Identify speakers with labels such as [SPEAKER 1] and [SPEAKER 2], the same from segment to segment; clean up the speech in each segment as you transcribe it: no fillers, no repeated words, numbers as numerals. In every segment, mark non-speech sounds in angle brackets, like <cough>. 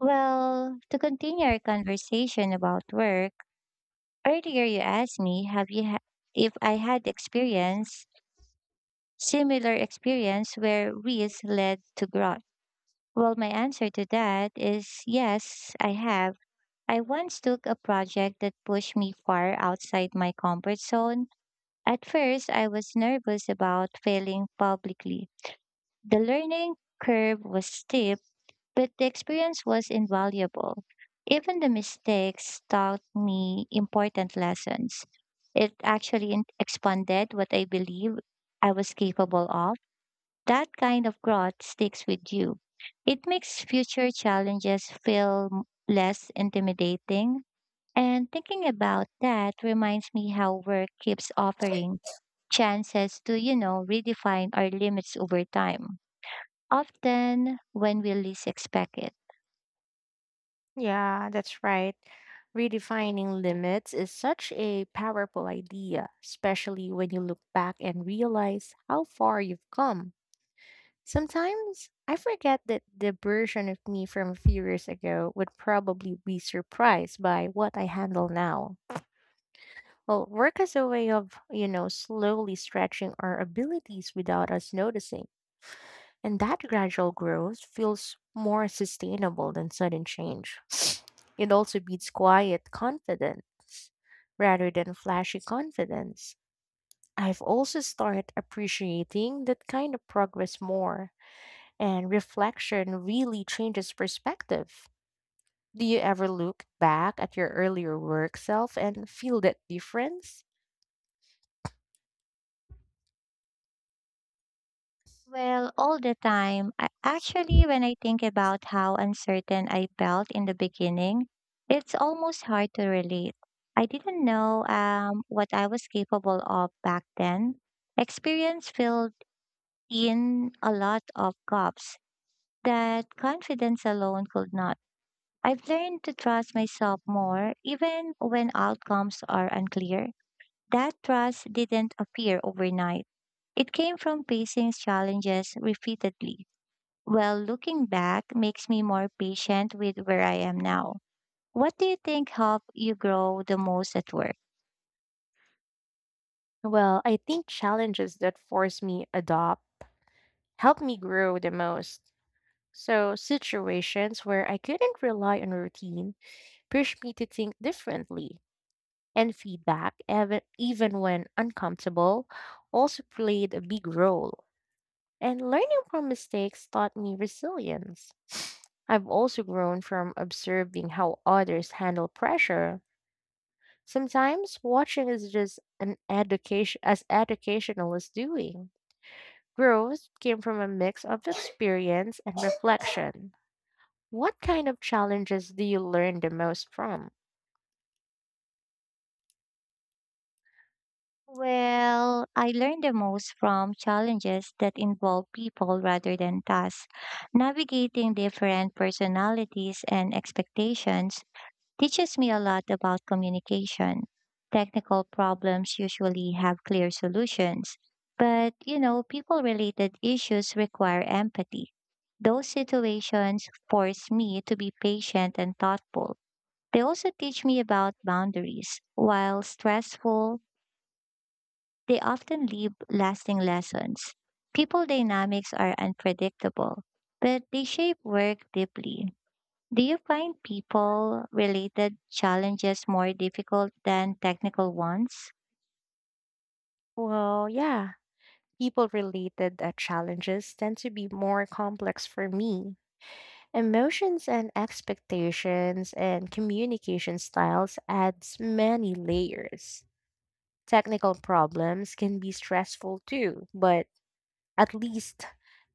[SPEAKER 1] Well, to continue our conversation about work, earlier you asked me if I had experience similar experience where risk led to growth. Well, my answer to that is yes, I have. I once took a project that pushed me far outside my comfort zone. At first, I was nervous about failing publicly. The learning curve was steep but the experience was invaluable. Even the mistakes taught me important lessons. It actually expanded what I believe I was capable of. That kind of growth sticks with you. It makes future challenges feel less intimidating. And thinking about that reminds me how work keeps offering chances to, redefine our limits over time, often when we least expect it.
[SPEAKER 2] Yeah, that's right. Redefining limits is such a powerful idea, especially when you look back and realize how far you've come. Sometimes I forget that the version of me from a few years ago would probably be surprised by what I handle now. Well, work is a way of, you know, slowly stretching our abilities without us noticing. And that gradual growth feels more sustainable than sudden change. <sniffs> It also beats quiet confidence rather than flashy confidence. I've also started appreciating that kind of progress more, and reflection really changes perspective. Do you ever look back at your earlier work self and feel that difference?
[SPEAKER 1] Well, all the time. I, actually, when I think about how uncertain I felt in the beginning, it's almost hard to relate. I didn't know what I was capable of back then. Experience filled in a lot of gaps that confidence alone could not. I've learned to trust myself more, even when outcomes are unclear. That trust didn't appear overnight. It came from facing challenges repeatedly. Well, looking back makes me more patient with where I am now. What do you think helped you grow the most at work?
[SPEAKER 2] Well, I think challenges that force me adopt help me grow the most. So, situations where I couldn't rely on routine pushed me to think differently, and feedback, even when uncomfortable, also played a big role. And learning from mistakes taught me resilience. <sniffs> I've also grown from observing how others handle pressure. Sometimes watching is just an education as educational as doing. Growth came from a mix of experience and reflection. What kind of challenges do you learn the most from?
[SPEAKER 1] Well, I learned the most from challenges that involve people rather than tasks, navigating different personalities and expectations teaches me a lot about communication. Technical problems usually have clear solutions, but people related issues require empathy. Those situations force me to be patient and thoughtful. They also teach me about boundaries. While stressful, they often leave lasting lessons. People dynamics are unpredictable, but they shape work deeply. Do you find people related challenges more difficult than technical ones?
[SPEAKER 2] Well, yeah, people related challenges tend to be more complex for me. Emotions and expectations and communication styles adds many layers. Technical problems can be stressful too, but at least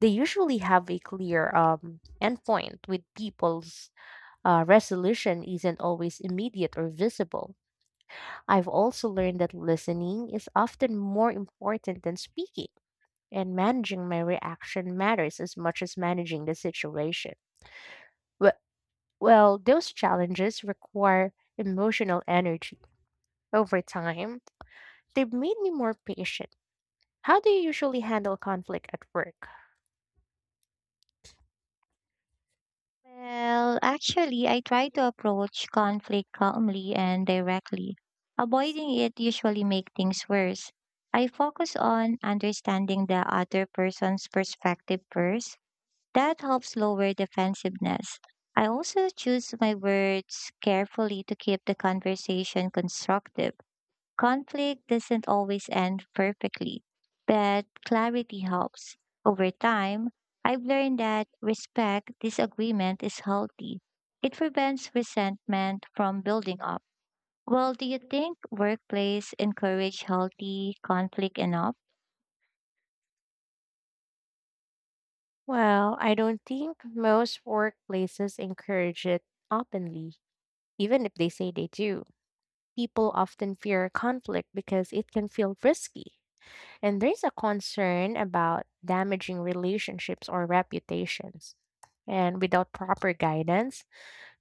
[SPEAKER 2] they usually have a clear endpoint with people's resolution isn't always immediate or visible. I've also learned that listening is often more important than speaking, and managing my reaction matters as much as managing the situation. Wh- Well, those challenges require emotional energy. Over time, they've made me more patient. How do you usually handle conflict at work?
[SPEAKER 1] Well, actually, I try to approach conflict calmly and directly. Avoiding it usually makes things worse. I focus on understanding the other person's perspective first. That helps lower defensiveness. I also choose my words carefully to keep the conversation constructive. Conflict doesn't always end perfectly, but clarity helps. Over time, I've learned that respect disagreement is healthy. It prevents resentment from building up. Well, do you think workplace encourage healthy conflict enough?
[SPEAKER 2] Well, I don't think most workplaces encourage it openly, even if they say they do. People often fear conflict because it can feel risky. And there's a concern about damaging relationships or reputations. And without proper guidance,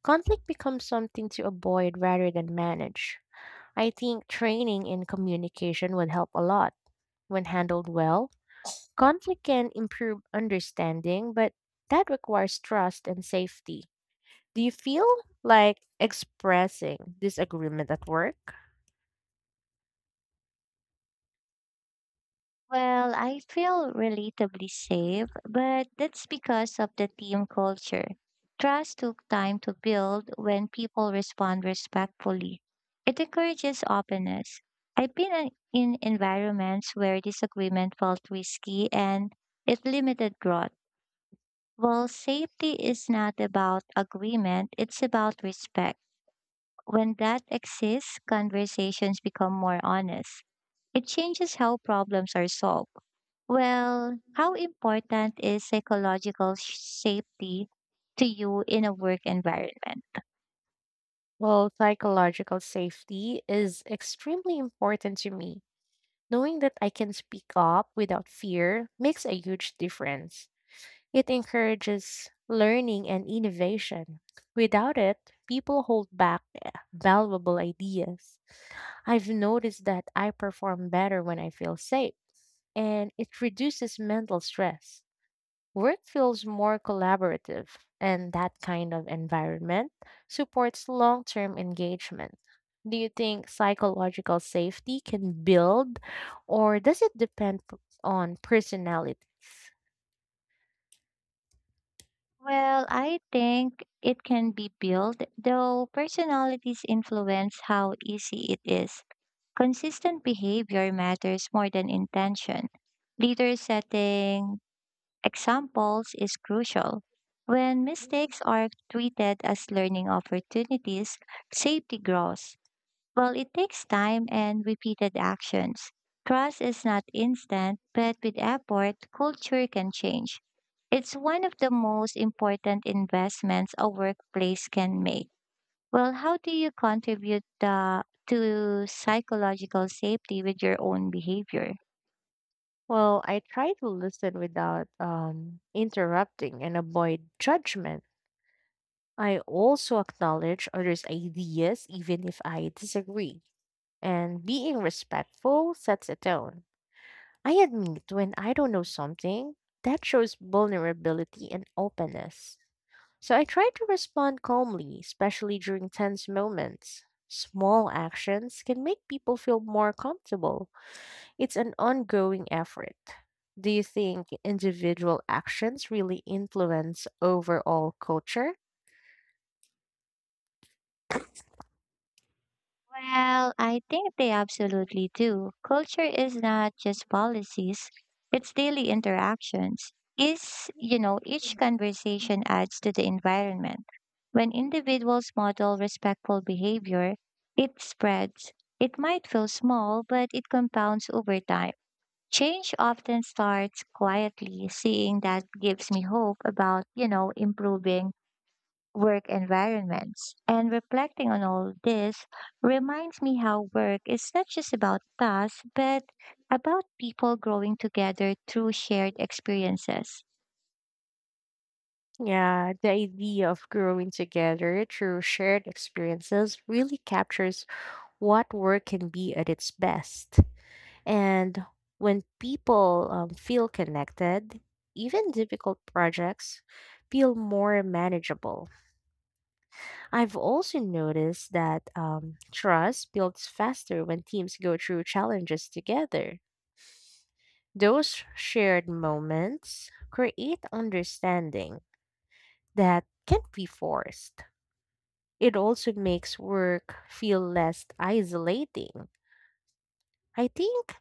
[SPEAKER 2] conflict becomes something to avoid rather than manage. I think training in communication would help a lot. When handled well, conflict can improve understanding, but that requires trust and safety. Do you feel like expressing disagreement at work?
[SPEAKER 1] Well, I feel relatively safe, but that's because of the team culture. Trust took time to build when people respond respectfully. It encourages openness. I've been in environments where disagreement felt risky and it limited growth. Well, safety is not about agreement, it's about respect. When that exists, conversations become more honest. It changes how problems are solved. Well, how important is safety to you in a work environment?
[SPEAKER 2] Well, psychological safety is extremely important to me. Knowing that I can speak up without fear makes a huge difference. It encourages learning and innovation. Without it, people hold back valuable ideas. I've noticed that I perform better when I feel safe, and it reduces mental stress. Work feels more collaborative, and that kind of environment supports long term engagement. Do you think psychological safety can build, or does it depend on personalities?
[SPEAKER 1] Well, I think it can be built, though personalities influence how easy it is. Consistent behavior matters more than intention. Leader setting examples is crucial. When mistakes are treated as learning opportunities, safety grows. Well, it takes time and repeated actions. Trust is not instant, but with effort, culture can change. It's one of the most important investments a workplace can make. Well, how do you contribute the, to psychological safety with your own behavior?
[SPEAKER 2] Well, I try to listen without interrupting and avoid judgment. I also acknowledge others' ideas, even if I disagree, and being respectful sets a tone. I admit when I don't know something, that shows vulnerability and openness. So I try to respond calmly, especially during tense moments. Small actions can make people feel more comfortable. It's an ongoing effort. Do you think individual actions really influence overall culture?
[SPEAKER 1] Well, I think they absolutely do. Culture is not just policies, it's daily interactions. Is, each conversation adds to the environment. When individuals model respectful behavior, it spreads. It might feel small, but it compounds over time. Change often starts quietly. Seeing that gives me hope about, improving work environments. And reflecting on all this reminds me how work is not just about tasks, but about people growing together through shared experiences.
[SPEAKER 2] Yeah, the idea of growing together through shared experiences really captures what work can be at its best. And when people feel connected, even difficult projects feel more manageable. I've also noticed that trust builds faster when teams go through challenges together. Those shared moments create understanding that can't be forced. It also makes work feel less isolating. I think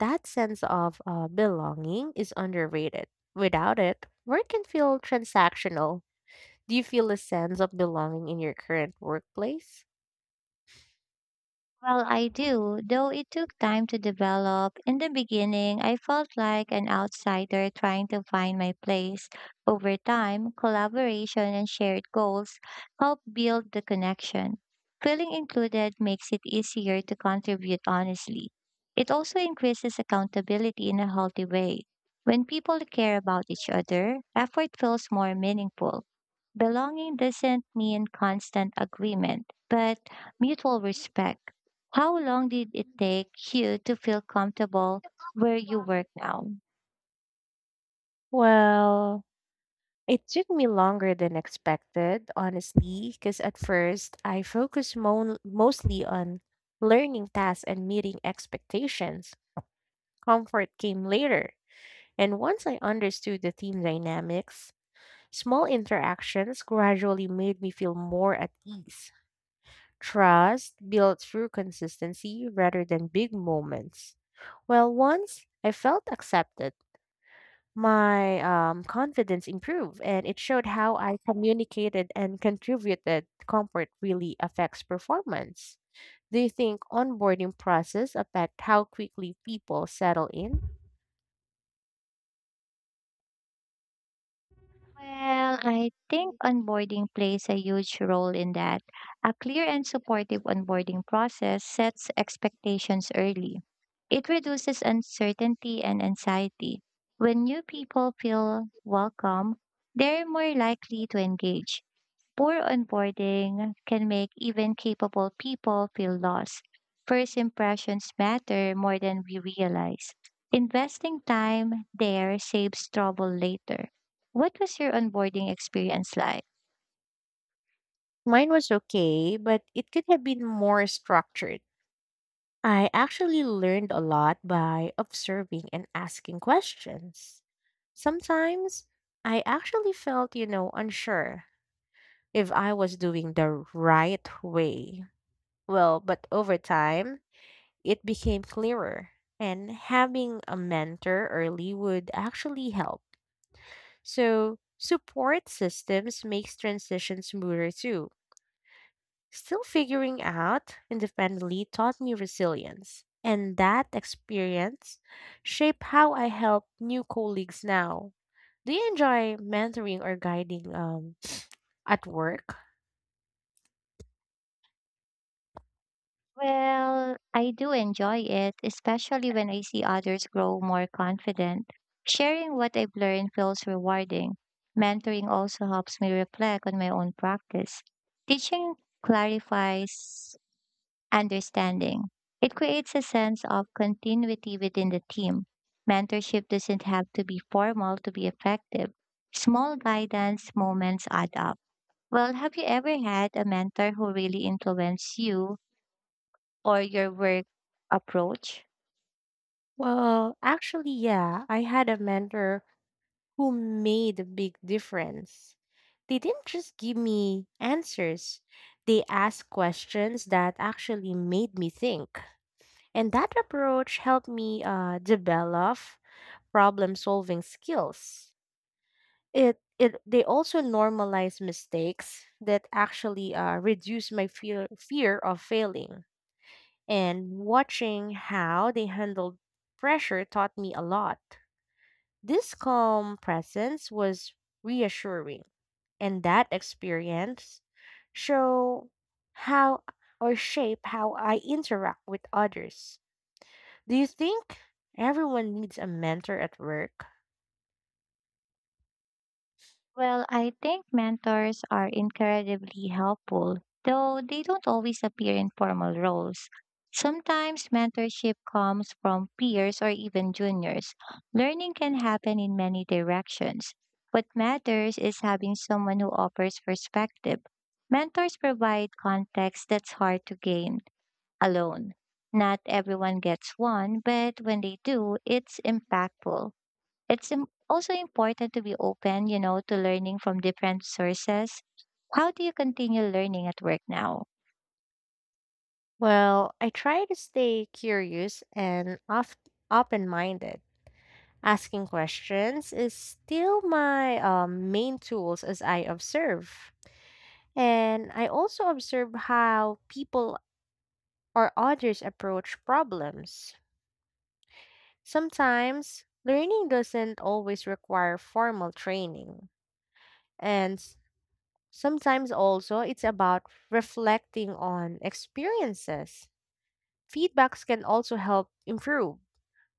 [SPEAKER 2] That sense of belonging is underrated. Without it, work can feel transactional. Do you feel a sense of belonging in your current workplace?
[SPEAKER 1] Well, I do, though it took time to develop. In the beginning, I felt like an outsider trying to find my place. Over time, collaboration and shared goals help build the connection. Feeling included makes it easier to contribute honestly. It also increases accountability in a healthy way. When people care about each other, effort feels more meaningful. Belonging doesn't mean constant agreement, but mutual respect. How long did it take you to feel comfortable where you work now?
[SPEAKER 2] Well, it took me longer than expected, honestly, because at first I focused mostly on learning tasks and meeting expectations. Comfort came later. And once I understood the team dynamics, small interactions gradually made me feel more at ease. Trust built through consistency rather than big moments. Well, once I felt accepted, my confidence improved, and it showed how I communicated and contributed. Comfort really affects performance. Do you think onboarding process affect how quickly people settle in?
[SPEAKER 1] Well, I think onboarding plays a huge role in that. A clear and supportive onboarding process sets expectations early. It reduces uncertainty and anxiety. When new people feel welcome, they're more likely to engage. Poor onboarding can make even capable people feel lost. First impressions matter more than we realize. Investing time there saves trouble later. What was your onboarding experience like?
[SPEAKER 2] Mine was okay, but it could have been more structured. I actually learned a lot by observing and asking questions. Sometimes I actually felt, you know, unsure if I was doing the right way. Well, but over time, it became clearer, and having a mentor early would actually help. So, support systems makes transition smoother too. Still figuring out independently taught me resilience. And that experience shaped how I help new colleagues now. Do you enjoy mentoring or guiding at work?
[SPEAKER 1] Well, I do enjoy it, especially when I see others grow more confident. Sharing what I've learned feels rewarding. Mentoring also helps me reflect on my own practice. Teaching clarifies understanding. It creates a sense of continuity within the team. Mentorship doesn't have to be formal to be effective. Small guidance moments add up. Well, have you ever had a mentor who really influenced you or your work approach?
[SPEAKER 2] Well, actually, yeah, I had a mentor who made a big difference. They didn't just give me answers, they asked questions that actually made me think. And that approach helped me develop problem solving skills. It they also normalize mistakes that actually reduce my fear of failing. And watching how they handled pressure taught me a lot. This calm presence was reassuring, and that experience show how or shape how I interact with others. Do you think everyone needs a mentor at work?
[SPEAKER 1] Well, I think mentors are incredibly helpful, though they don't always appear in formal roles. Sometimes mentorship comes from peers or even juniors. Learning can happen in many directions. What matters is having someone who offers perspective. Mentors provide context that's hard to gain alone. Not everyone gets one, but when they do, it's impactful. It's also important to be open, to learning from different sources. How do you continue learning at work now?
[SPEAKER 2] Well, I try to stay curious and open minded. Asking questions is still my main tools as I observe. And I also observe how people or others approach problems. Sometimes learning doesn't always require formal training. And s- Sometimes also it's about reflecting on experiences. Feedbacks can also help improve.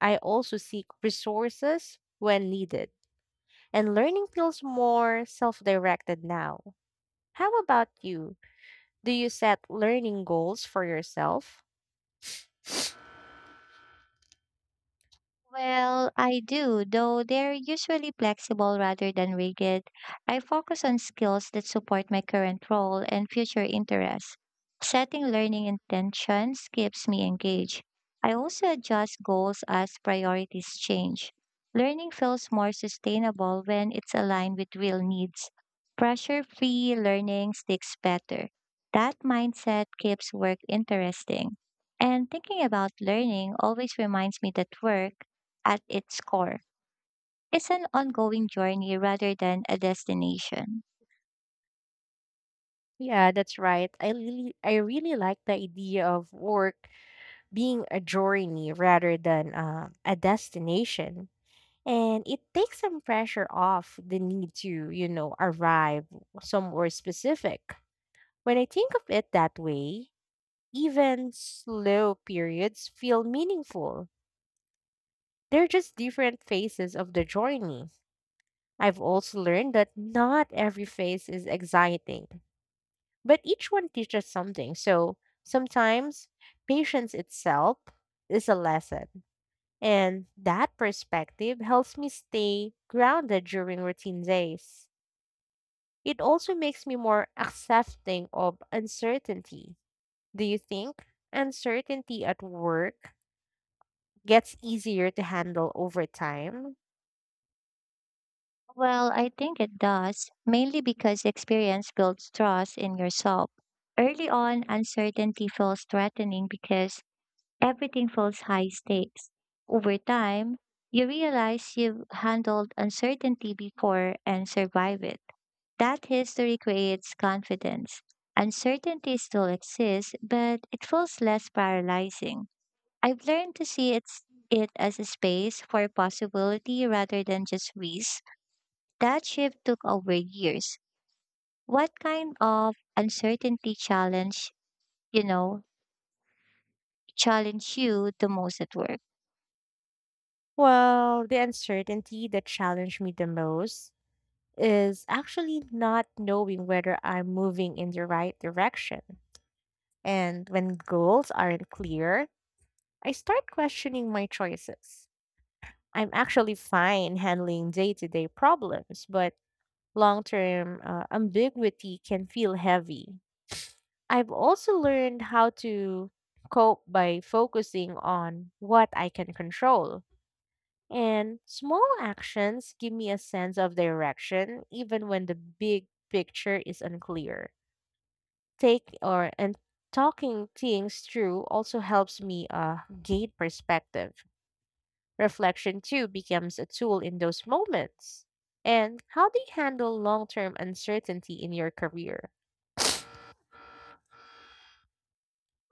[SPEAKER 2] I also seek resources when needed, and learning feels more self directed now. How about you? Do you set learning goals for yourself?
[SPEAKER 1] Well, I do, though they're usually flexible rather than rigid. I focus on skills that support my current role and future interests. Setting learning intentions keeps me engaged. I also adjust goals as priorities change. Learning feels more sustainable when it's aligned with real needs. Pressure free learning sticks better. That mindset keeps work interesting. And thinking about learning always reminds me that work at its core is an ongoing journey rather than a destination.
[SPEAKER 2] Yeah, that's right. I really like the idea of work being a journey rather than a destination. And it takes some pressure off the need to, you know, arrive somewhere specific. When I think of it that way, even slow periods feel meaningful. They're just different phases of the journey. I've also learned that not every phase is exciting, but each one teaches something. So sometimes patience itself is a lesson. And that perspective helps me stay grounded during routine days. It also makes me more accepting of uncertainty. Do you think uncertainty at work gets easier to handle over time?
[SPEAKER 1] Well, I think it does, mainly because experience builds trust in yourself. Early on, uncertainty feels threatening because everything feels high stakes. Over time, you realize you've handled uncertainty before and survived it. That history creates confidence. Uncertainty still exists, but it feels less paralyzing. I've learned to it as a space for possibility rather than just risk. That shift took over years. What kind of uncertainty challenge, you know, challenge you the most at work?
[SPEAKER 2] Well, the uncertainty that challenged me the most is actually not knowing whether I'm moving in the right direction. And when goals aren't clear, I start questioning my choices. I'm actually fine handling day to day problems, but long term ambiguity can feel heavy. I've also learned how to cope by focusing on what I can control. And small actions give me a sense of direction even when the big picture is unclear. Take or and Talking things through also helps me gain perspective. Reflection too becomes a tool in those moments. And how do you handle long term uncertainty in your career?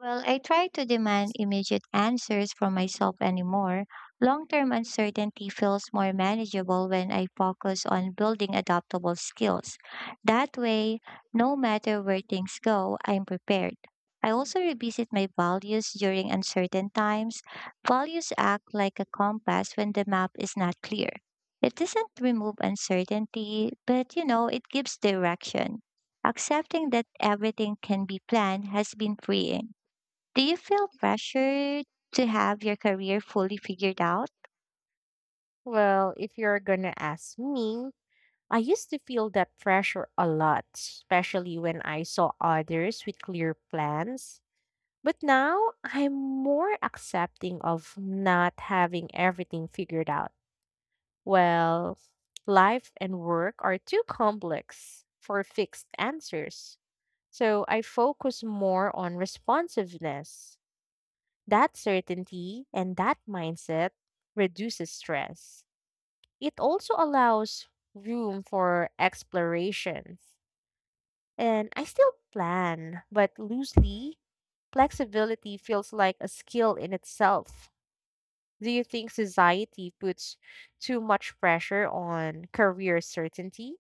[SPEAKER 1] Well, I try to demand immediate answers from myself anymore. Long term uncertainty feels more manageable when I focus on building adaptable skills. That way, no matter where things go, I'm prepared. I also revisit my values during uncertain times. Values act like a compass when the map is not clear. It doesn't remove uncertainty, but it gives direction. Accepting that everything can be planned has been freeing. Do you feel pressure to have your career fully figured out?
[SPEAKER 2] Well, if you're gonna ask me, I used to feel that pressure a lot, especially when I saw others with clear plans. But now I'm more accepting of not having everything figured out. Well, life and work are too complex for fixed answers. So I focus more on responsiveness. That certainty and that mindset reduces stress. It also allows room for exploration. And I still plan, but loosely, flexibility feels like a skill in itself. Do you think society puts too much pressure on career certainty?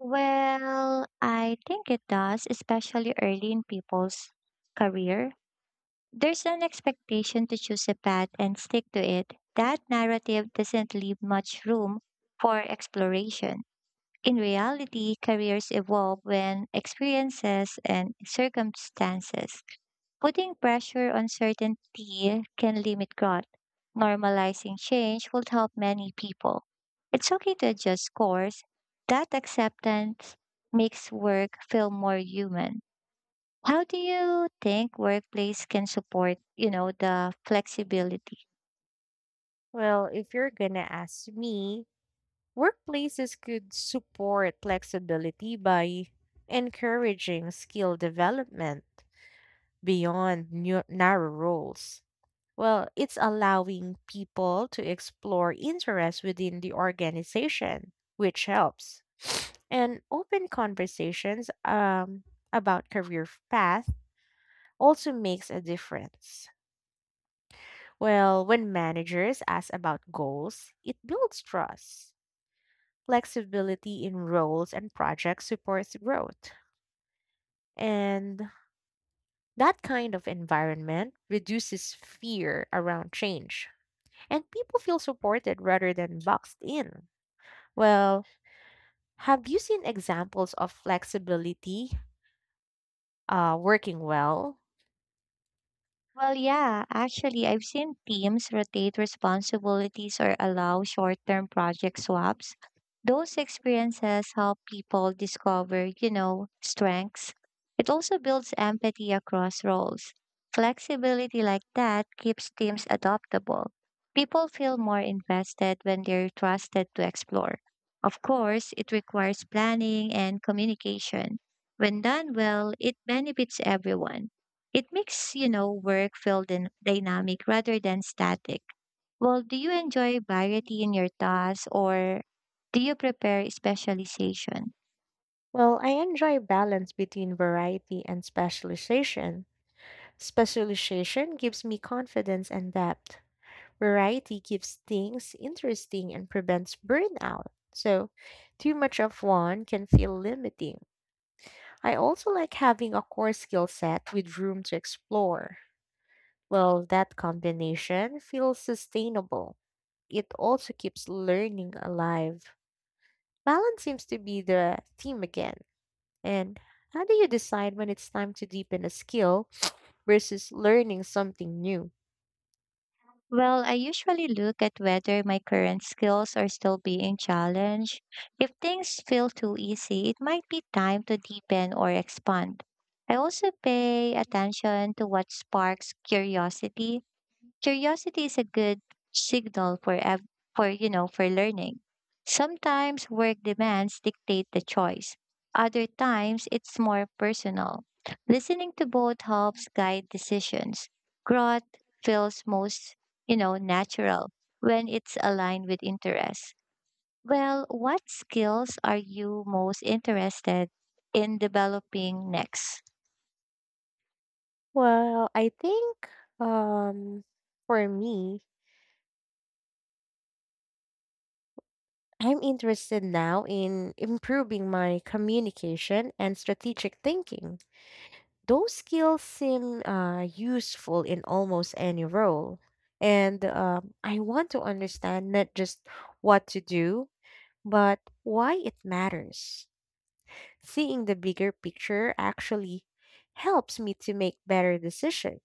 [SPEAKER 1] Well, I think it does, especially early in people's career. There's an expectation to choose a path and stick to it. That narrative doesn't leave much room for exploration. In reality, careers evolve when experiences and circumstances. Putting pressure on certainty can limit growth. Normalizing change will help many people. It's okay to adjust course. That acceptance makes work feel more human. How do you think workplace can support, the flexibility?
[SPEAKER 2] Well, if you're gonna ask me, workplaces could support flexibility by encouraging skill development beyond narrow roles. Well, it's allowing people to explore interests within the organization, which helps. And open conversations about career paths also makes a difference. Well, when managers ask about goals, it builds trust. Flexibility in roles and projects supports growth. And that kind of environment reduces fear around change. And people feel supported rather than boxed in. Well, have you seen examples of flexibility working well?
[SPEAKER 1] Well, yeah, actually, I've seen teams rotate responsibilities or allow short term project swaps. Those experiences help people discover, strengths. It also builds empathy across roles. Flexibility like that keeps teams adaptable. People feel more invested when they're trusted to explore. Of course, it requires planning and communication. When done well, it benefits everyone. It makes, work feel dynamic rather than static. Well, do you enjoy variety in your tasks or do you prepare specialization?
[SPEAKER 2] Well, I enjoy balance between variety and specialization. Specialization gives me confidence and depth. Variety keeps things interesting and prevents burnout. So, too much of one can feel limiting. I also like having a core skill set with room to explore. Well, that combination feels sustainable. It also keeps learning alive. Balance seems to be the theme again. And how do you decide when it's time to deepen a skill versus learning something new?
[SPEAKER 1] Well, I usually look at whether my current skills are still being challenged. If things feel too easy, it might be time to deepen or expand. I also pay attention to what sparks curiosity. Curiosity is a good signal for for for learning. Sometimes work demands dictate the choice. Other times it's more personal. Listening to both helps guide decisions. Growth feels most, natural when it's aligned with interests. Well, what skills are you most interested in developing next?
[SPEAKER 2] Well, I think um for me, I'm interested now in improving my communication and strategic thinking. Those skills seem useful in almost any role. And I want to understand not just what to do, but why it matters. Seeing the bigger picture actually helps me to make better decisions.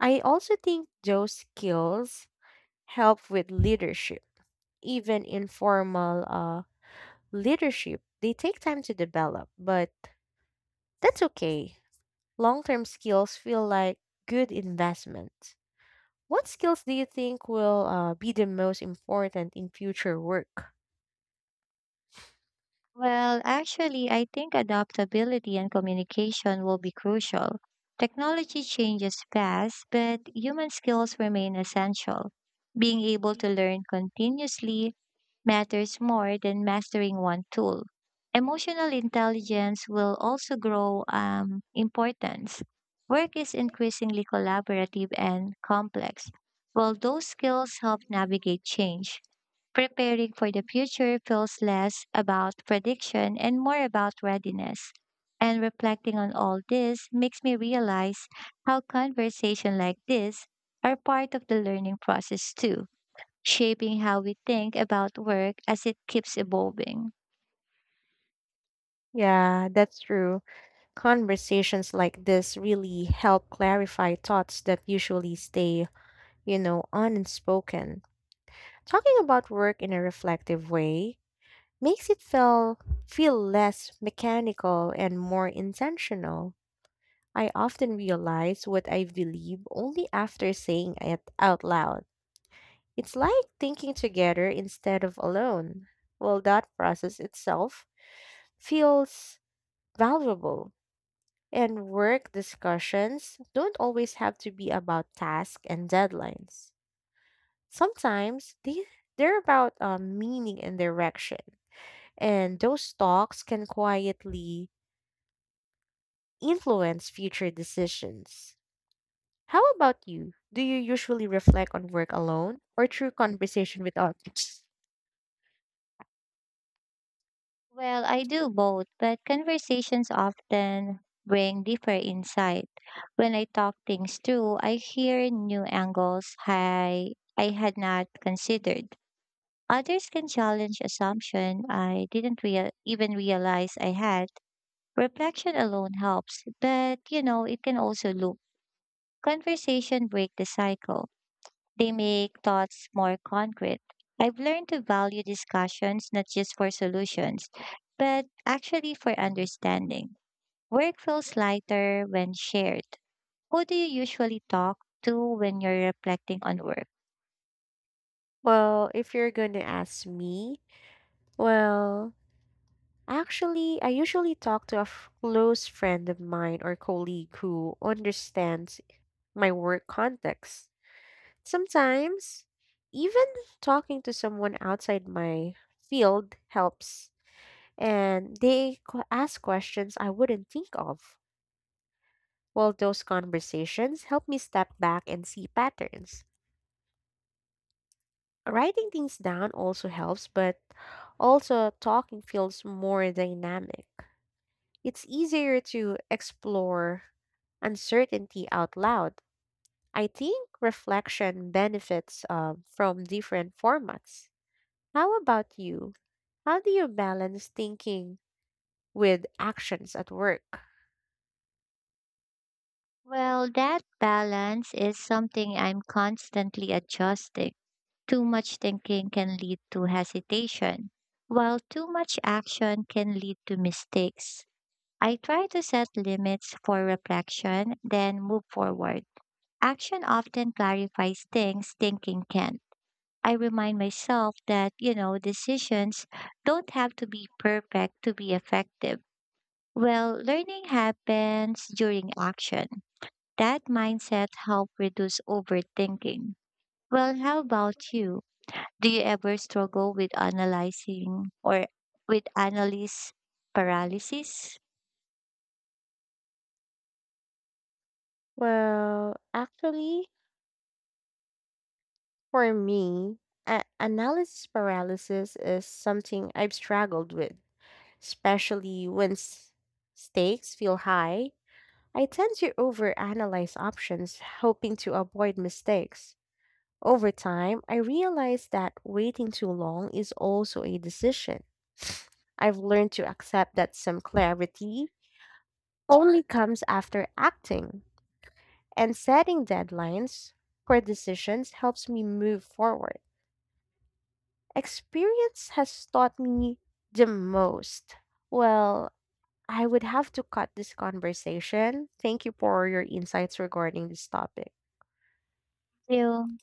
[SPEAKER 2] I also think those skills help with leadership even informal leadership, they take time to develop, but that's okay. Long term skills feel like good investment. What skills do you think will be the most important in future work?
[SPEAKER 1] Well, actually, I think adaptability and communication will be crucial. Technology changes fast, but human skills remain essential. Being able to learn continuously matters more than mastering one tool. Emotional intelligence will also grow importance. Work is increasingly collaborative and complex. Well, those skills help navigate change. Preparing for the future feels less about prediction and more about readiness. And reflecting on all this makes me realize how conversation like this are part of the learning process too, shaping how we think about work as it keeps evolving.
[SPEAKER 2] Yeah, that's true. Conversations like this really help clarify thoughts that usually stay, you know, unspoken. Talking about work in a reflective way makes it feel less mechanical and more intentional. I often realize what I believe only after saying it out loud. It's like thinking together instead of alone. Well, that process itself feels valuable. And work discussions don't always have to be about tasks and deadlines. Sometimes they, they're about meaning and direction. And those talks can quietly influence future decisions. How about you? Do you usually reflect on work alone or through conversation with others?
[SPEAKER 1] Well, I do both, but conversations often bring deeper insight. When I talk things through, I hear new angles I had not considered. Others can challenge assumption I didn't real even realize I had. Reflection alone helps, but it can also loop. Conversation break the cycle. They make thoughts more concrete. I've learned to value discussions not just for solutions, but actually for understanding. Work feels lighter when shared. Who do you usually talk to when you're reflecting on work?
[SPEAKER 2] Well, if you're going to ask me, well, actually, I usually talk to a close friend of mine or colleague who understands my work context. Sometimes, even talking to someone outside my field helps, and they ask questions I wouldn't think of. Well, those conversations help me step back and see patterns. Writing things down also helps, but also talking feels more dynamic. It's easier to explore uncertainty out loud. I think reflection benefits from different formats. How about you? How do you balance thinking with actions at work?
[SPEAKER 1] Well, that balance is something I'm constantly adjusting. Too much thinking can lead to hesitation, while too much action can lead to mistakes. I try to set limits for reflection, then move forward. Action often clarifies things thinking can. I remind myself that, decisions don't have to be perfect to be effective. Well, learning happens during action. That mindset helps reduce overthinking. Well, how about you? Do you ever struggle with analyzing or with analysis paralysis?
[SPEAKER 2] Well, actually, for me, analysis paralysis is something I've struggled with, especially when stakes feel high. I tend to overanalyze options, hoping to avoid mistakes. Over time, I realized that waiting too long is also a decision. <sighs> I've learned to accept that some clarity only comes after acting, and setting deadlines for decisions helps me move forward. Experience has taught me the most. Well, I would have to cut this conversation. Thank you for your insights regarding this topic.
[SPEAKER 1] You.